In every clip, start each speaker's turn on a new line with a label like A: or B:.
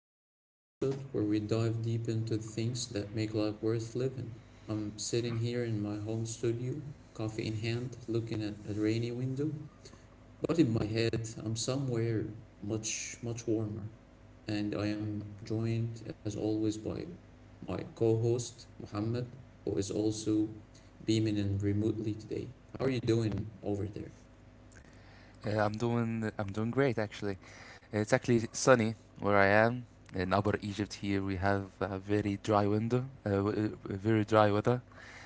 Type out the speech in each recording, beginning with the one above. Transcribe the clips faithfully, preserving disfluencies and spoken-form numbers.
A: to another episode where we dive deep into things that make life worth living. I'm sitting here in my home studio, coffee in hand, looking at a rainy window, but in my head, I'm somewhere much, much warmer. And I am joined, as always, by my co host, Mohammed, who is also beaming in remotely today. How are you doing over there?
B: Uh, I'm doing I'm doing great actually. It's actually sunny where I am in Upper Egypt. Here we have a very dry window, uh, w- uh, very dry weather.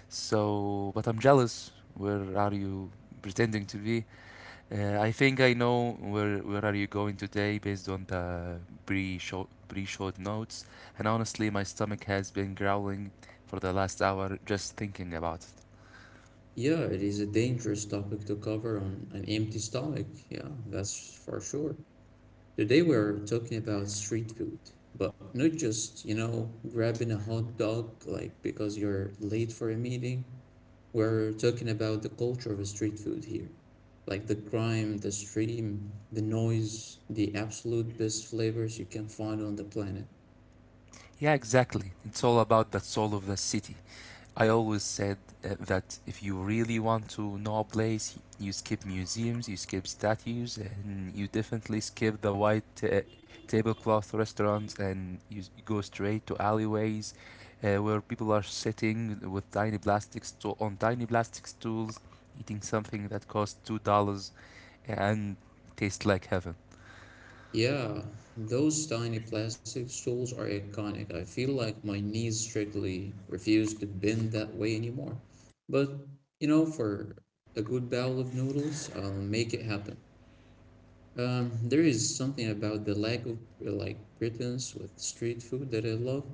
B: So, but I'm jealous. Where are you pretending to be? Uh, I think I know where where are you going today based on the pre short pre short notes. And honestly, my stomach has been growling for the last hour just thinking about it.
A: Yeah, it is a dangerous topic to cover on an empty stomach. Yeah, that's for sure. Today we're talking about street food, but not just, you know, grabbing a hot dog like because you're late for a meeting. We're talking about the culture of street food here. Like the crime, the stream, the noise, the absolute best flavors you can find on the planet.
B: Yeah, exactly. It's all about the soul of the city. I always said uh, that if you really want to know a place, you skip museums, you skip statues, and you definitely skip the white uh, tablecloth restaurants, and you s- go straight to alleyways uh, where people are sitting with tiny plastic sto- on tiny plastic stools, eating something that costs two dollars and tastes like heaven.
A: Yeah, those tiny plastic stools are iconic. I feel like my knees strictly refuse to bend that way anymore. But, you know, for a good bowl of noodles, I'll make it happen. Um, there is something about the lack of like pretense with street food that I love.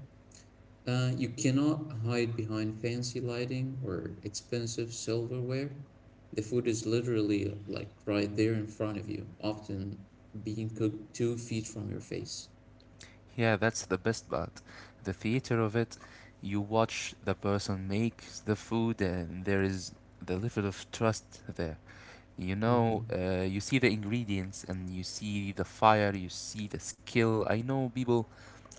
A: Uh, you cannot hide behind fancy lighting or expensive silverware. The food is literally like right there in front of you, often being cooked two feet from your face.
B: Yeah, that's the best part. The theater of it, you watch the person make the food, and there is the level of trust there. You know,
A: Hmm.
B: uh, you see the ingredients and you see the fire, you see the skill. I know people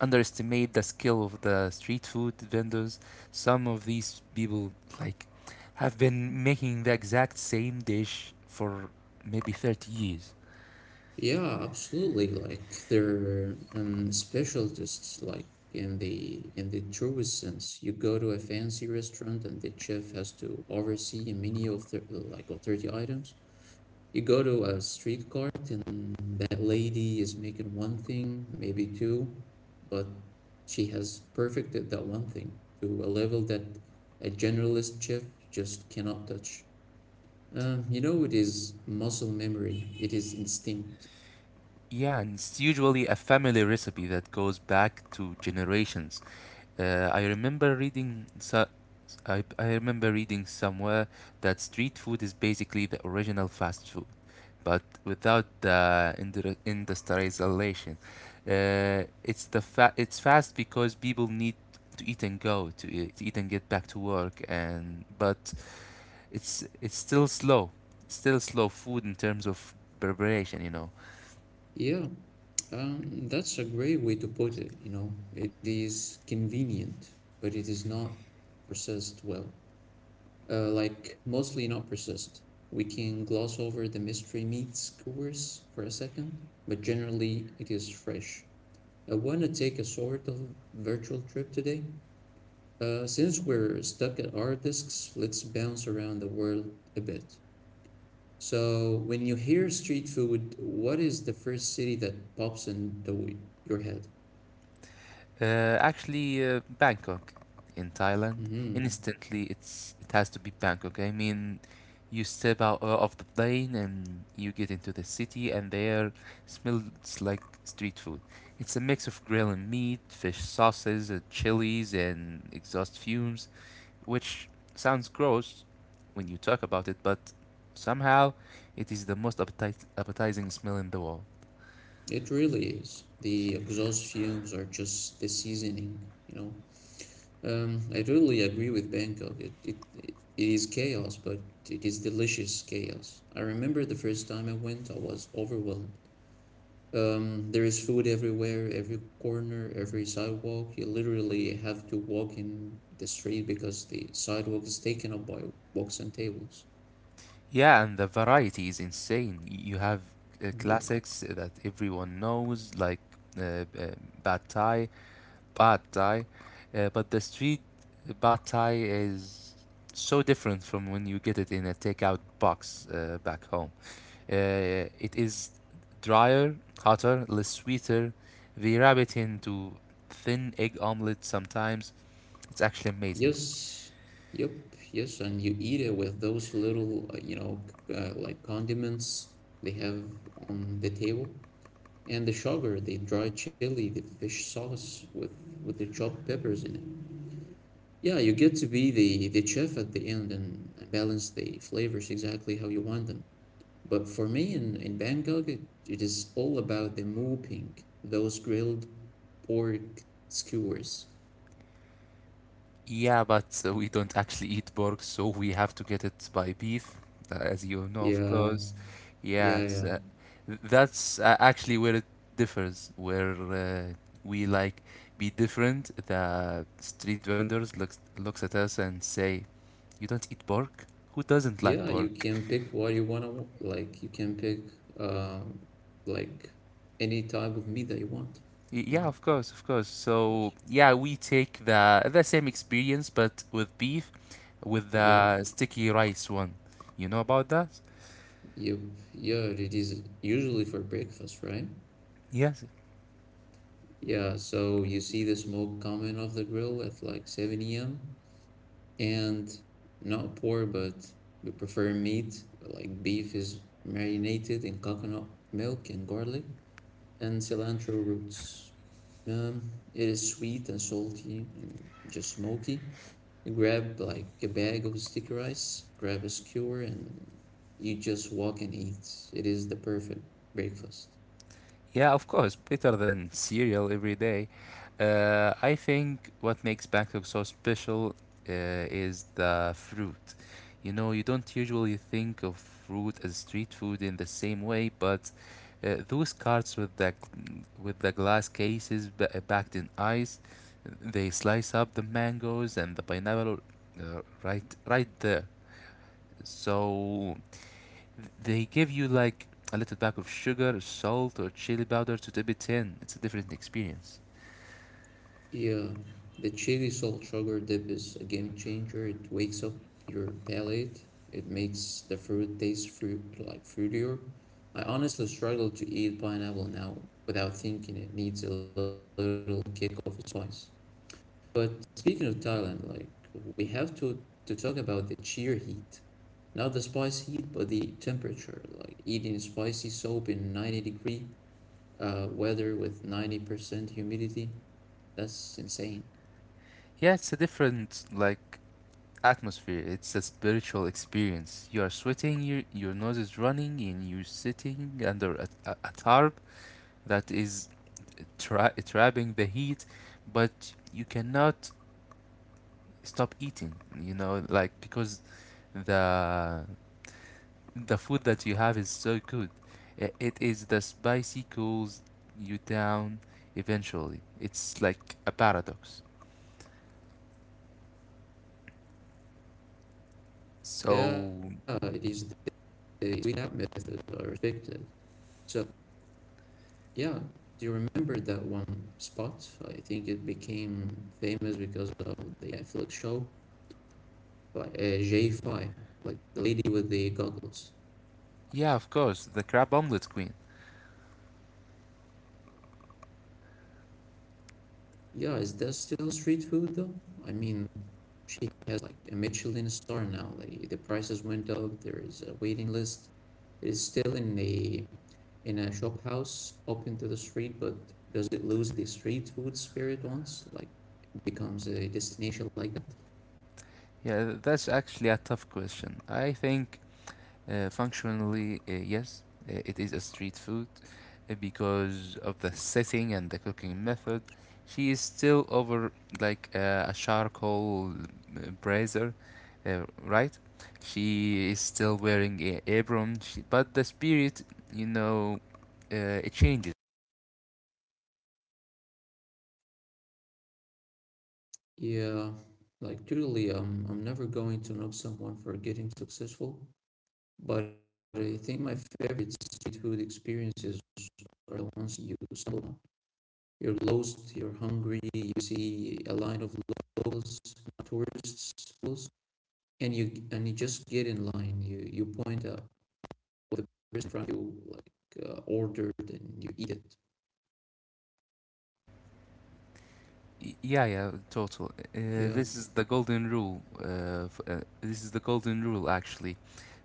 B: underestimate the skill of the street food vendors. Some of these people, like, have been making the exact same dish for maybe thirty years.
A: Yeah, absolutely. Like they're um, specialists, like in the in the truest sense. You go to a fancy restaurant and the chef has to oversee a menu of thir like of thirty items. You go to a street cart and that lady is making one thing, maybe two, but she has perfected that one thing to a level that a generalist chef just cannot touch. Um, you know, it is muscle memory, it is instinct.
B: Yeah, and it's usually a family recipe that goes back to generations. Uh, I remember reading so, I, I remember reading somewhere that street food is basically the original fast food, but without the indu- industrialization. Uh, it's the fa- it's fast because people need to eat and go to, e- to eat and get back to work, and but it's it's still slow, still slow food in terms of preparation, you know.
A: Yeah, um, that's a great way to put it, you know. It is convenient, but it is not processed well. Uh, like mostly not persist. We can gloss over the mystery meat skewers for a second, but generally it is fresh. I want to take a sort of virtual trip today. Uh, since we're stuck at our discs, let's bounce around the world a bit. So, when you hear street food, what is the first city that pops into your head?
B: Uh, actually, uh, Bangkok in Thailand.
A: Hmm.
B: Instantly, it's it has to be Bangkok. I mean, you step out uh, of the plane and you get into the city, and there smells like street food. It's a mix of grill and meat, fish sauces, uh, chilies, and exhaust fumes, which sounds gross when you talk about it, but somehow it is the most appetite- appetizing smell in the world.
A: It really is. The exhaust fumes are just the seasoning, you know. Um, I totally agree with Bangkok. It, it it is chaos, but it is delicious chaos. I remember the first time I went, I was overwhelmed. Um, there is food everywhere, every corner, every sidewalk. You literally have to walk in the street because the sidewalk is taken up by books and tables.
B: Yeah, and the variety is insane. You have uh,
A: Yep.
B: classics that everyone knows, like uh, uh, Bad Thai, Bad Thai, uh, but the street Bad Thai is so different from when you get it in a takeout box uh, back home. Uh, it is drier, hotter, less sweeter. They wrap it into thin egg omelette sometimes. It's actually amazing.
A: Yes. Yep. Yes. And you eat it with those little, uh, you know, c- uh, like condiments they have on the table. And the sugar, the dry chili, the fish sauce with, with the chopped peppers in it. Yeah, you get to be the, the chef at the end and, and balance the flavors exactly how you want them. But for me in, in Bangkok, it, it is all about the mooping, those grilled pork skewers.
B: Yeah, but uh, we don't actually eat pork, so we have to get it by beef, uh, as you know, of
A: Yeah,
B: course.
A: yeah,
B: Yes,
A: yeah.
B: uh, th- that's uh, actually where it differs, where uh, we like be different. The street vendors looks looks at us and say, "You don't eat pork? Who doesn't like
A: Yeah, you
B: pork?"
A: can pick what you want to like. You can pick um like any type of meat that you want.
B: Y-
A: Mhm,
B: Yeah,
A: of
B: of course, of course. So
A: course.
B: yeah, we take the the same experience, but with beef, with
A: Yep.
B: the sticky rice one. You know about that?
A: Yep. Yeah, it is usually for breakfast, right?
B: Yes.
A: Yeah, so you see the smoke coming off the grill at like seven a m. And not poor, but we prefer meat. Like beef is marinated in coconut milk and garlic and cilantro roots. Um, it is sweet and salty and just smoky. You grab like a bag of sticky rice, grab a skewer, and you just walk and eat. It is the perfect breakfast.
B: Yeah, of course, better than cereal every day. Uh, I think what makes Bangkok so special uh, is the fruit. You know, you don't usually think of fruit as street food in the same way, but uh, those carts with the gl- with the glass cases ba- uh, packed in ice, they slice up the mangoes and the pineapple uh, right right there. So they give you like a little pack of sugar, salt, or chili powder to dip it in. It's a different experience.
A: Yeah, the chili salt sugar dip is a game changer. It wakes up your palate. It makes the fruit taste fruit like fruitier. I honestly struggle to eat pineapple now without thinking it needs a little kick of spice. But speaking of Thailand, like we have to to talk about the sheer heat. Not the spice heat, but the temperature. Like eating spicy soup in ninety degree uh, weather with ninety percent humidity. That's insane.
B: Yeah, it's a different like atmosphere. It's a spiritual experience. You are sweating, your your nose is running, and you're sitting under a, a, a tarp that is tra- trapping the heat, but you cannot stop eating. You know, like because the the food that you have is so good. I- It is the spicy cools you down eventually. It's like a paradox. So,
A: Yeah, these days we have methods are restricted. So yeah, do you remember that one spot? I think it became famous because of the Netflix show, like uh, J five, like the lady with the goggles.
B: yeah, of course, the crab omelet queen.
A: Yeah, is that still street food though? I mean, she has like a Michelin star now. Like the prices went up. There is a waiting list. It is still in a in a shop house open to the street, but does it lose the street food spirit once? Like becomes a destination like that.
B: Yeah, that's actually a tough question. I think Uh, functionally, uh, yes, uh, it is a street food uh, because of the setting and the cooking method. She is still over like uh, a charcoal uh, brazier, uh, right? She is still wearing a apron, she, but the spirit, you know, uh, it changes.
A: Yeah, like truly, um, I'm never going to knock someone for getting successful, but I think my favorite street food experiences are the ones you stumble on. You're lost, you're hungry, you see a line of locals, tourists, and you and you just get in line. You you point out what the person from you like uh, ordered, and you eat it.
B: Y- Yeah, yeah, total. Uh,
A: Yeah,
B: this is the golden rule. Uh, f- uh, This is the golden rule actually.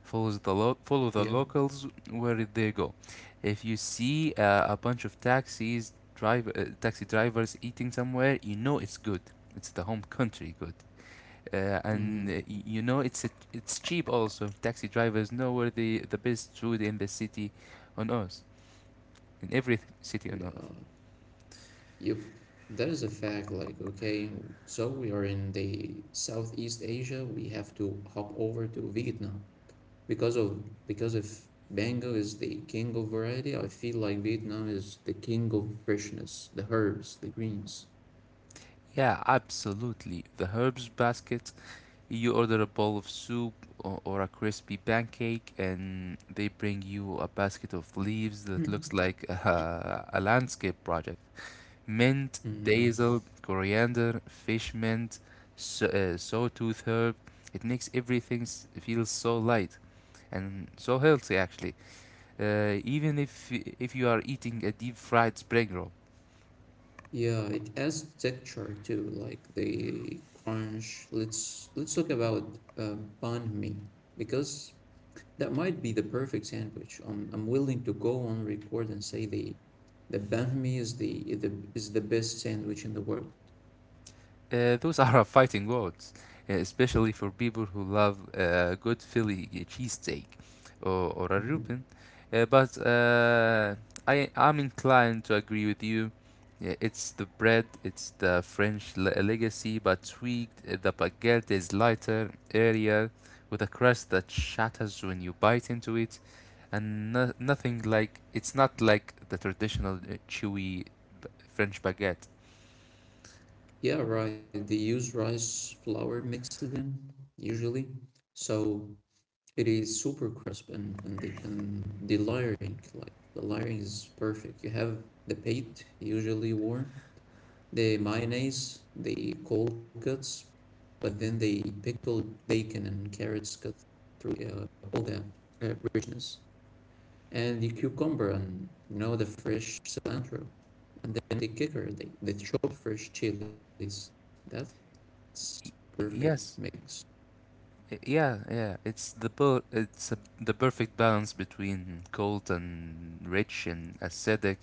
B: Follows the lo- follow the
A: yeah,
B: locals where they go. If you see uh, a bunch of taxis, drive uh, taxi drivers eating somewhere, you know it's good. It's the home country good. Uh, and uh,
A: mm-hmm.
B: y- you know it's it's cheap also. Taxi drivers know where the the best food in the city on earth, in every th- city on earth.
A: Yeah. Yep, that is a fact. Like, okay, so we are in the Southeast Asia. We have to hop over to Vietnam because of because if mango is the king of variety, I feel like Vietnam is the king of freshness, the herbs, the greens.
B: Yeah, absolutely. The herbs basket. You order a bowl of soup or, or a crispy pancake, and they bring you a basket of leaves that looks like a, a landscape project. Mint, basil,
A: Mm-hmm.
B: coriander, fish mint, so, uh, sawtooth herb. It makes everything s- feel so light and so healthy, actually. Uh, even if y- If you are eating a deep fried spring roll.
A: Yeah, it adds texture too, like the crunch. Let's let's talk about uh, banh mi because that might be the perfect sandwich. I'm, I'm willing to go on record and say the the banh mi is the, the is the best sandwich in the world.
B: Uh, those are fighting words, uh, especially for people who love a good Philly cheesesteak or, or a Reuben.
A: Hmm.
B: Uh, but uh, I, I'm inclined to agree with you. Yeah, it's the bread, it's the French le- legacy, but tweaked. Uh, The baguette is lighter, airier, with a crust that shatters when you bite into it, and no- nothing like it's not like the traditional uh, chewy French baguette.
A: Yeah, right. They use rice flour mixed in usually, so it is super crisp and and the and the layering like the layering is perfect. You have the pate usually warm, the mayonnaise, the cold cuts, but then they pickled bacon and carrots cut through uh, all the uh, richness, and the cucumber and you know the fresh cilantro, and then the kicker, the, the chopped fresh chilies. That's perfect mix.
B: Y- yes, Y- Yeah, yeah, it's the per- it's a, the perfect balance between cold and rich and acidic,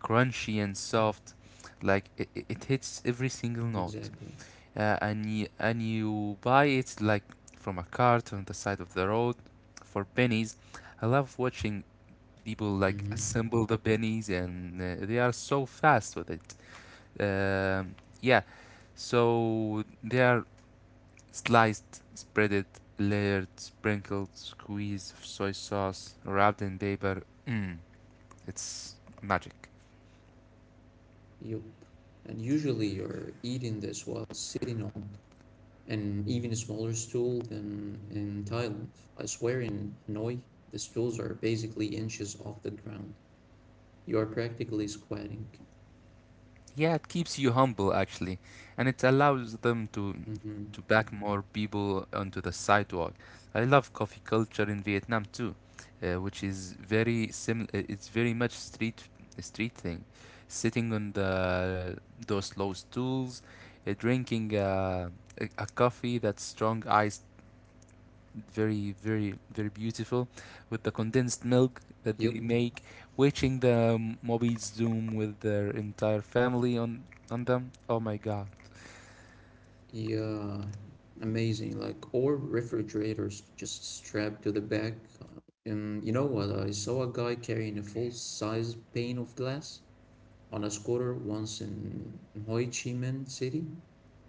B: crunchy and soft. Like it, it hits every single
A: Exactly.
B: note, uh, and y- and you buy it like from a cart on the side of the road for pennies. I love watching people
A: Mm-hmm.
B: like assemble the pennies, and uh, they are so fast with it. Um yeah, so they are sliced, spreaded, layered, sprinkled, squeezed soy sauce, wrapped in paper. Mmm, it's magic.
A: Yup. And usually you're eating this while sitting on and even smaller stool than in Thailand. I swear in Hanoi, the stools are basically inches off the ground. You are practically squatting.
B: Yeah, it keeps you humble actually, and it allows them to
A: Hmm.
B: to back more people onto the sidewalk. I love coffee culture in Vietnam too, uh, which is very similar. It's very much street street thing, sitting on the those low stools, uh, drinking uh, a, a coffee that's strong iced very very very beautiful with the condensed milk
A: Yep.
B: that they make, watching the mobbies zoom with their entire family on on them, oh my god.
A: Yeah. Amazing. Like, or refrigerators just strapped to the back. Uh, And you know what? I saw a guy carrying a full-size pane of glass on a scooter once in in Ho Chi Minh City.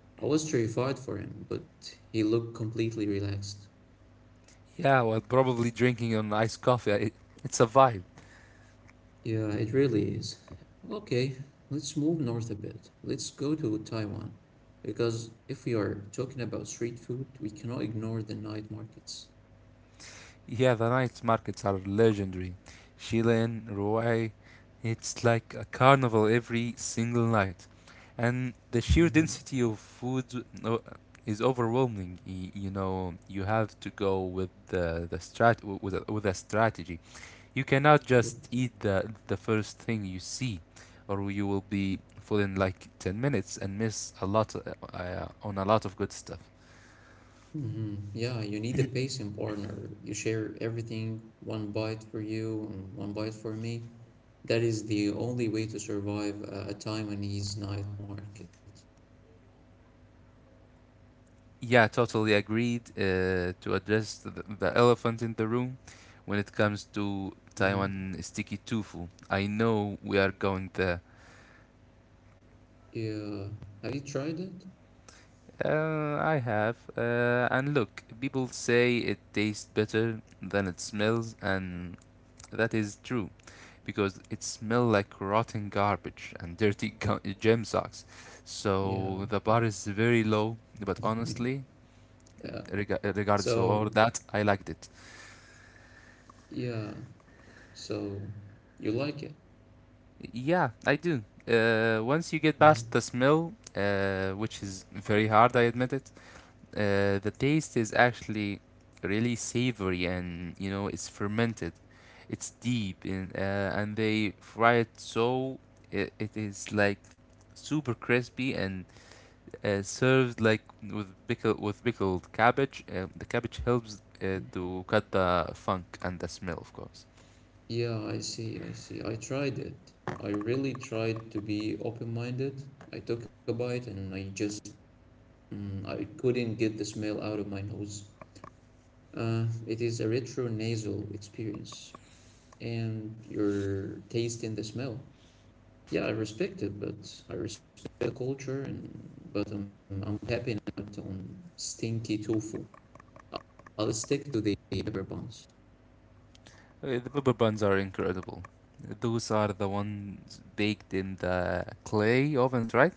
A: I was terrified for him, but he looked completely relaxed.
B: Yeah, while probably drinking an iced coffee. It it's a vibe.
A: Yeah, it really is. Okay, let's move north a bit. Let's go to Taiwan. Because if we are talking about street food, we cannot ignore the night markets.
B: Yeah, the night markets are legendary. Sheila in Roy, it's like a carnival every single night. And the sheer
A: Hmm.
B: density of food no- is overwhelming. Y- You know, you have to go with the, the strat w- with a, with a strategy. You cannot
A: Yep.
B: just eat the, the first thing you see, or you will be full in like ten minutes and miss a lot uh, uh, on a lot of good stuff.
A: Hmm. Yeah, you need a pacing partner. You share everything, one bite for you and one bite for me. That is the only way to survive a a Taiwanese night market.
B: Yeah, totally agreed. Uh, to address the, the elephant in the room when it comes to
A: Hmm.
B: Taiwan sticky tofu, I know we are going there.
A: Yeah. Have you tried it?
B: Uh, I have. Uh, and look, people say it tastes better than it smells, and that is true because it smells like rotten garbage and dirty gu- gym socks.
A: Yeah.
B: So the bar is very low, but honestly,
A: Yeah.
B: rega-
A: So,
B: regardless of all that, I liked it.
A: yeah. So you like it?
B: Yeah, I do. Uh, once you get past
A: Mhm.
B: the smell, uh, which is very hard, I admit it, uh, the taste is actually really savory and you know it's fermented. It's deep in, uh, and they fry it so it, it is like super crispy and uh, served like with pickle with pickled cabbage. Uh, the cabbage helps uh,
A: Mm.
B: to cut the funk and the smell, of course.
A: Yeah, I see, I see. I tried it. I really tried to be open-minded. I took a bite and I just mm, I couldn't get the smell out of my nose. Uh, it is a retronasal experience, and you're tasting the smell. Yeah, I respect it, but I respect the culture, and but I'm I'm tapping out on stinky tofu. I'll stick to the pepper buns.
B: Uh, The pepper buns are incredible. Those are the ones baked in the clay ovens, right?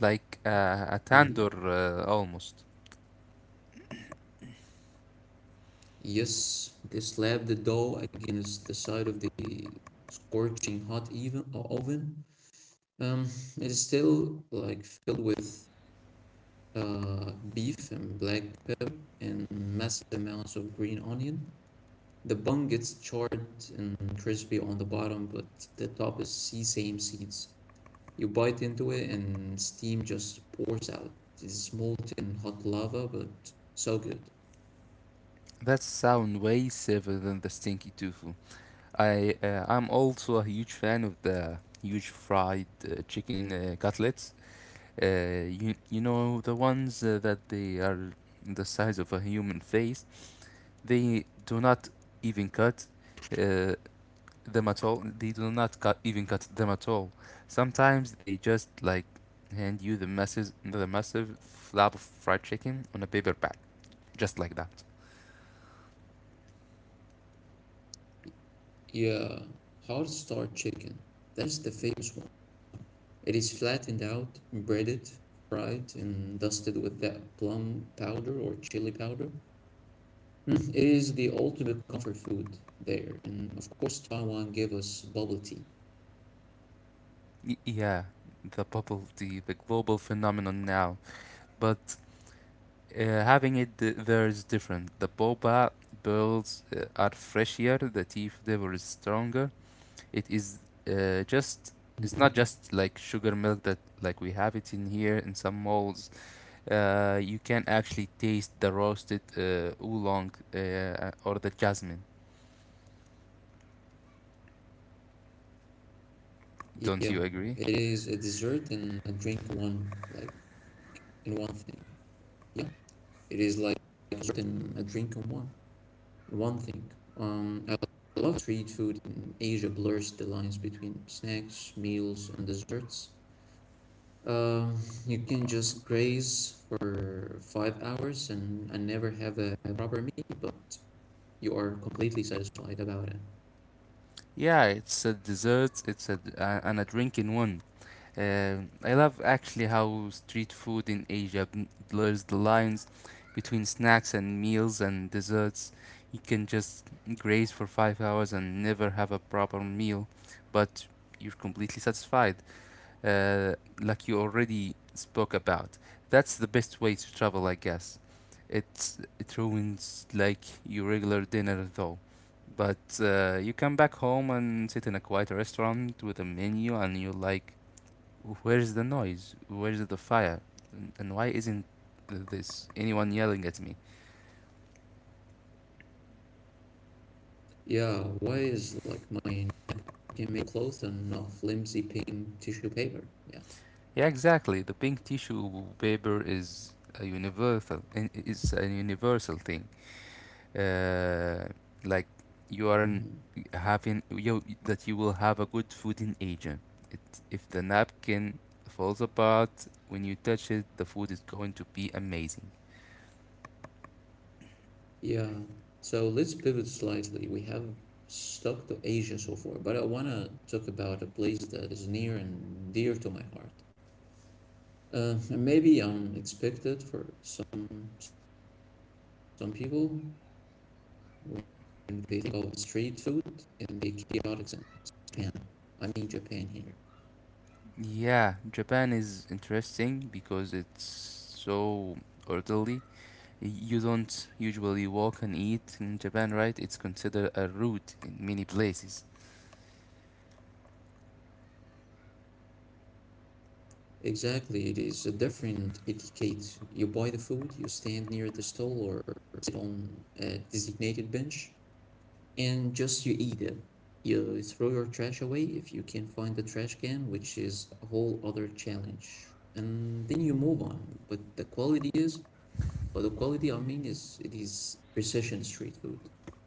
B: Like uh, a tandoor uh,
A: Mm-hmm.
B: almost.
A: Yes, they slapped the dough against the side of the scorching hot even uh, oven. Um, it is still like filled with uh, beef and black pepper and massive amounts of green onion. The bun gets charred and crispy on the bottom, but the top is sesame seeds. You bite into it and steam just pours out. It's molten hot lava, but so good.
B: That sound way safer than the stinky tofu. I uh, I'm also a huge fan of the huge fried uh, chicken uh, cutlets. Uh, you you know the ones uh, that they are the size of a human face. They do not even cut. Uh, them at all. They do not cut, even cut them at all. Sometimes they just like hand you the massive, the massive slab of fried chicken on a paper bag, just like that.
A: Yeah, hard starch chicken. That is the famous one. It is flattened out, breaded, fried, and dusted with that plum powder or chili powder. Mm, it is the ultimate comfort food there. And of course, Taiwan gave us bubble tea.
B: Y- yeah, the bubble tea, the global phenomenon now. But uh, having it th- there is different. The boba pearls uh, are fresher. The tea flavor is stronger. It is uh, just. It's not just like
A: Mhm.
B: sugar milk that like we have it in here in some malls. Uh, you can actually taste the roasted uh, oolong uh, or the jasmine.
A: Yeah,
B: Don't you
A: it
B: agree?
A: is a dessert and a drink in one, like in one thing. Yeah, it is like a dessert and a drink in one. One thing, um, a lot of street food in Asia blurs the lines between snacks, meals, and desserts. Um, you can just graze for five hours and, and never have a proper meal, but you are completely satisfied about it.
B: Yeah, it's a dessert. It's a d- a- And a drink in one. Uh, I love actually how street food in Asia bl- blurs the lines between snacks and meals and desserts. You can just graze for five hours and never have a proper meal, but you're completely satisfied. uh, like you already spoke about. That's the best way to travel, I guess. It's it ruins like your regular dinner though. But uh, you come back home and sit in a quiet restaurant with a menu, and you're like, "Where's the noise? Where's the fire? And, and why isn't this anyone yelling at me?"
A: Yeah, why is like mine can make clothes and not flimsy pink tissue paper? Yeah.
B: Yeah, exactly. The pink tissue paper is a universal. It's a universal thing. uh, like you are in,
A: Mhm.
B: having you that you will have a good food in Asia. It, if the napkin falls apart when you touch it, the food is going to be amazing.
A: Yeah. So let's pivot slightly. We have stuck to Asia so far, but I want to talk about a place that is near and dear to my heart. Uh, and maybe unexpected for some some people when they think of street food in the chaotic sense. Japan. I mean Japan here.
B: Yeah, Japan is interesting because it's so orderly. You don't usually walk and eat in Japan, right? It's considered a route in many places.
A: Exactly, it is a different etiquette. You buy the food, you stand near the stall or sit on a designated bench, and just you eat it. You throw your trash away if you can find the trash can, which is a whole other challenge. And then you move on. But the quality is, but the quality I mean is it is precision street food.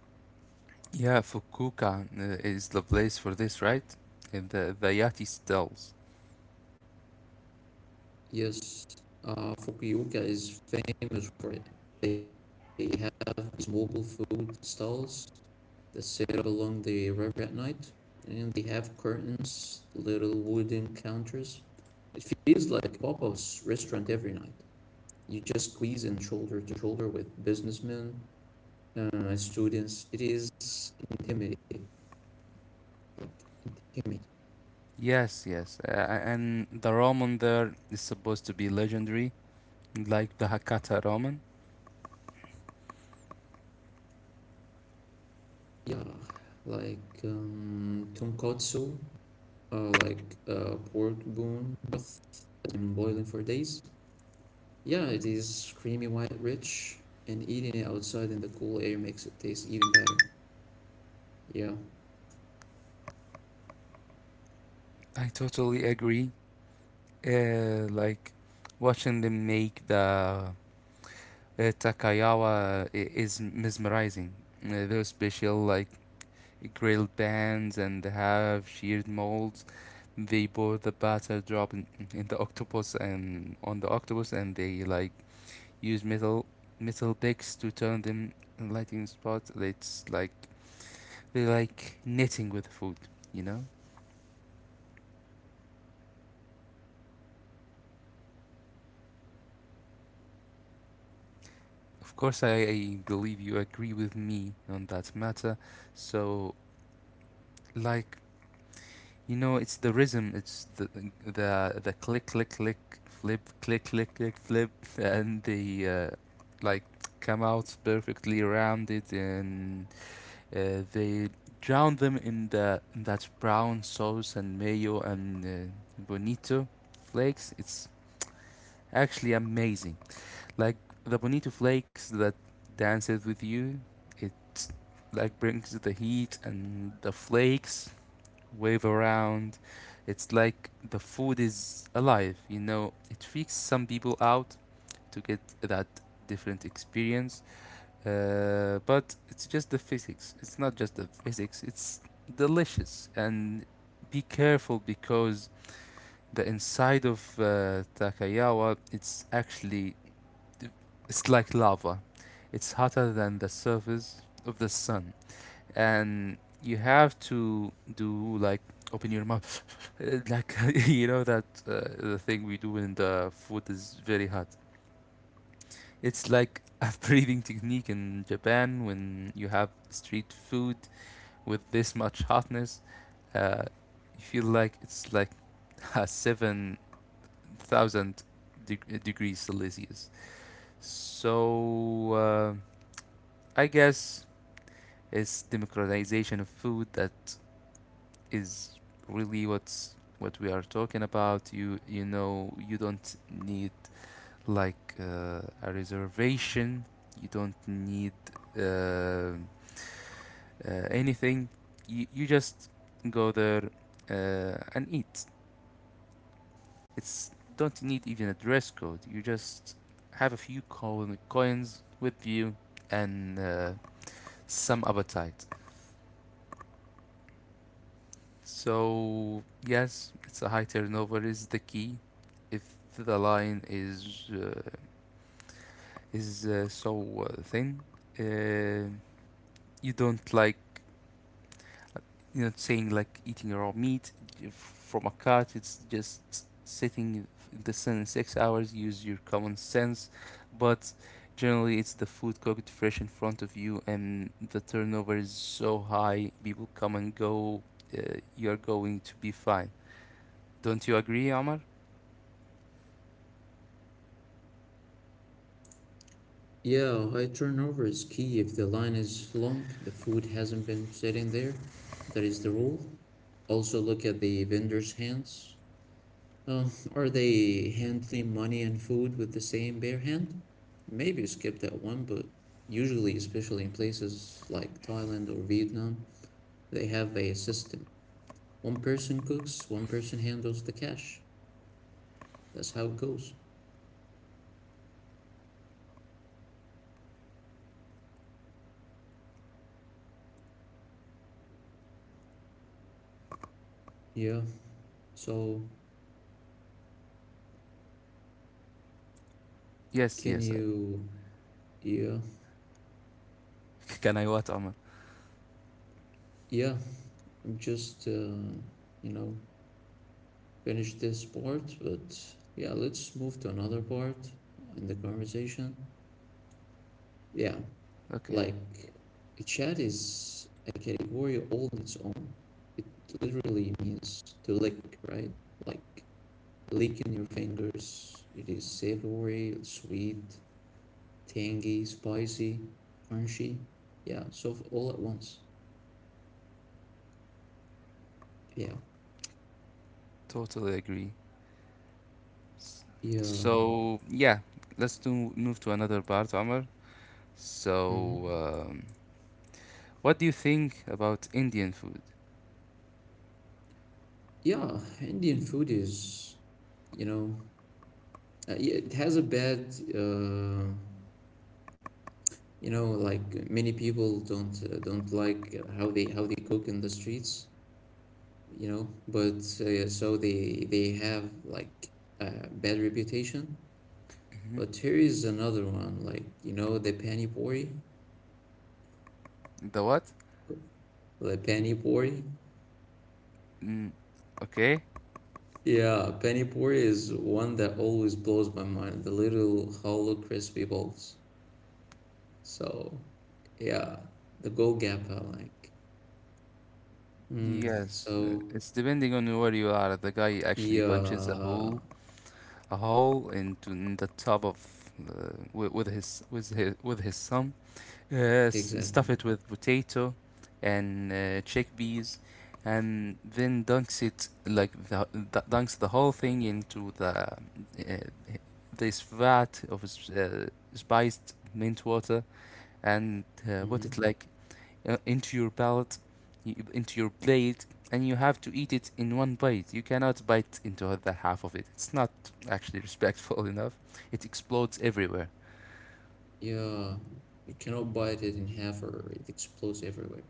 B: Yeah, Fukuoka uh, is the place for this, right? And the the Yati stalls.
A: Yes, uh, Fukuoka is famous for it. They have these mobile food stalls that set up along the river at night, and they have curtains, little wooden counters. It feels like Popo's restaurant every night. You just squeeze in shoulder to shoulder with businessmen, uh, students. It is intimidating. Intimate.
B: Yes, yes. Uh, and the ramen there is supposed to be legendary, like the Hakata ramen.
A: Yeah, like um, tonkotsu, uh, like uh, pork bone broth and boiling for days. Yeah, it is creamy white rich, and eating it outside in the cool air makes it taste even better. Yeah.
B: I totally agree. Uh, like watching them make the uh, Takayawa i- is mesmerizing. Uh, those special like grilled pans and they have sheared molds. They pour the batter drop in, in the octopus and on the octopus and they like use metal metal picks to turn them in lighting spots. It's like they like knitting with food, you know? Of course, I, I believe you agree with me on that matter. So, like, you know, it's the rhythm, it's the the the click, click, click, flip, click, click, click, flip, and they uh, like come out perfectly rounded, and uh, they drown them in the in that brown sauce and mayo and uh, bonito flakes. It's actually amazing. Like the bonito flakes that dances with you, it like brings the heat and the flakes wave around. It's like the food is alive, you know. It freaks some people out to get that different experience, uh, but it's just the physics. It's not just the physics. It's delicious and be careful because the inside of uh, Takayawa it's actually it's like lava. It's hotter than the surface of the sun, and you have to do like open your mouth, like you know that uh, the thing we do when the food is very hot. It's like a breathing technique in Japan when you have street food with this much hotness. Uh, you feel like it's like a seven thousand deg- degrees Celsius. So uh, I guess is democratization of food that is really what's what we are talking about. You you know you don't need like uh, a reservation. You don't need uh, uh, anything. You you just go there uh, and eat. It's don't need even a dress code. You just have a few coin, coins with you and uh, some appetite. So, yes, it's a high turnover is the key. If the line is uh, is uh, so uh, thin, uh, you don't like you know saying like eating raw meat from a cart. It's just sitting in the sun in six hours. Use your common sense, but generally it's the food cooked fresh in front of you, and the turnover is so high. People come and go. Uh, you are going to be fine. Don't you agree, Omar?
A: Yeah, high turnover is key. If the line is long, the food hasn't been sitting there. That is the rule. Also, look at the vendor's hands. Uh, are they handling money and food with the same bare hand? Maybe skip that one, but usually, especially in places like Thailand or Vietnam, they have a system. One person cooks, one person handles the cash. That's how it goes. Yeah. So
B: Yes,
A: can
B: yes. I,
A: you? Yeah.
B: can I what, Omar?
A: Yeah. I'm just, uh, you know, finish this part, but yeah, let's move to another part in the conversation. Yeah. Like
B: Okay,
A: a chat is a category all on its own. It literally means to lick, right? Like licking your fingers. It is savory, sweet, tangy, spicy, crunchy. Yeah, soft all at once. Yeah.
B: totally agree. S-
A: Yeah.
B: so, yeah, let's do move to another part, Omar.
A: Hmm.
B: So, um, what do you think about Indian food?
A: Yeah, Indian food is, you know, uh, yeah, it has a bad, uh, you know, like many people don't uh, don't like how they how they cook in the streets, you know, but uh, yeah, so they they have like a bad reputation.
B: Hmm.
A: But here is another one, like you know, the pani puri,
B: The what?
A: the pani puri.
B: Mm, okay.
A: Yeah, penny port is one that always blows my mind. The little hollow crispy balls. So, yeah, the goal gapper, like, mm,
B: Yes, uh,
A: so,
B: it's depending on where you are. The guy actually punches a hole,
A: yeah,
B: a hole into in the top of, uh, with, with his with his with his thumb, Uh, s-
A: exactly.
B: stuff it with potato and uh, chickpeas, and then dunks it like the, the dunks the whole thing into the uh, this vat of s- uh, spiced mint water, and uh, put
A: Hmm.
B: it like uh, into your palate, y- into your plate, and you have to eat it in one bite. You cannot bite into the half of it. It's not actually respectful enough. It explodes everywhere.
A: Yeah, you cannot bite it in half or it explodes everywhere.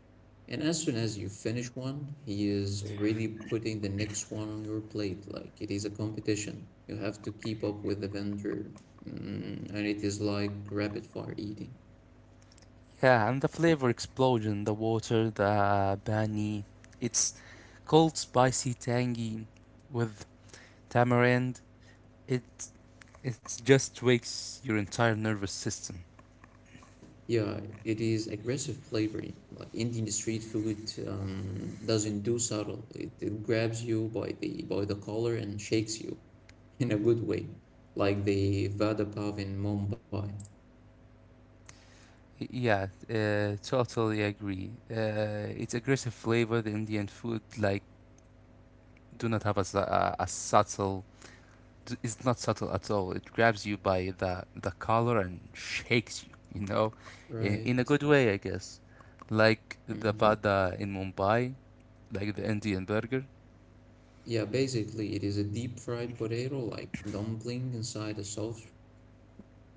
A: And as soon as you finish one, he is already putting the next one on your plate. Like, it is a competition. You have to keep up with the vendor, mm, and it is like rapid fire eating.
B: Yeah, and the flavor explosion, the water, the bani. It's cold, spicy, tangy with tamarind. It it just wakes your entire nervous system.
A: Yeah, it is aggressive flavoring. Like Indian street food um, doesn't do subtle. It, it grabs you by the by the collar and shakes you in a good way, like the Vada Pav in Mumbai,
B: Y- Yeah, uh, totally agree. Uh, it's aggressive flavor. The Indian food like do not have a, s- a, a subtle. d- It's not subtle at all. It grabs you by the the collar and shakes you. You know, in, in a
A: right?
B: good way, I guess like the
A: Hmm.
B: vada in Mumbai. Like the Indian burger.
A: Yeah, basically it is a deep fried potato like dumpling inside a soft bread roll,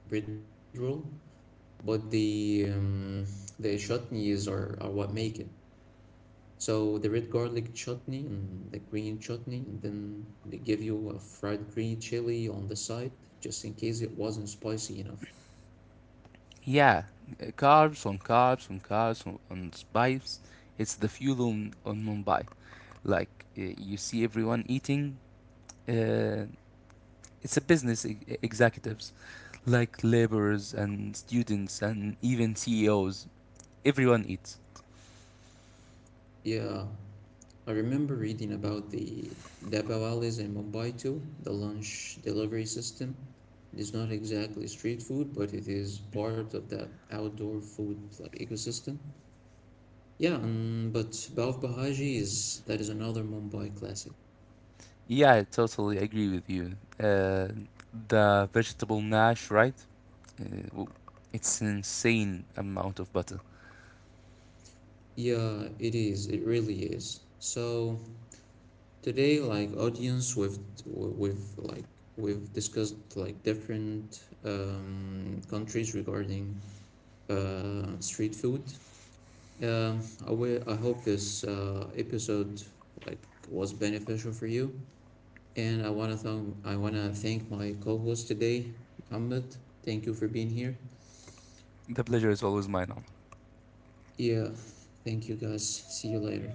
A: but the um, the chutneys are, are what make it. So the red garlic chutney and the green chutney, and then they give you a fried green chili on the side, just in case it wasn't spicy enough.
B: Yeah, uh, carbs on carbs on carbs on, on spice. It's the fuel on, on Mumbai. Like uh, you see everyone eating. Uh, it's a business e- e-, executives, like laborers and students and even C E Os. Everyone eats.
A: Yeah, I remember reading about the Dabawalis in Mumbai too, the lunch delivery system. It is not exactly street food, but it is part of the outdoor food like ecosystem. Yeah, um, but Bav Bahaji is that is another Mumbai classic.
B: Yeah, I totally agree with you. Uh, the vegetable nash, right? Uh, w- it's an insane amount of butter.
A: Yeah, it is. It really is. So today like audience we've we've like we've discussed like different um, countries regarding uh, street food um, I, wi- I hope this uh, episode like was beneficial for you and i want to thank i want to thank my co-host today, Muhammad. Thank you for being here.
B: The pleasure is always mine.
A: Yeah, thank you, guys. See you later.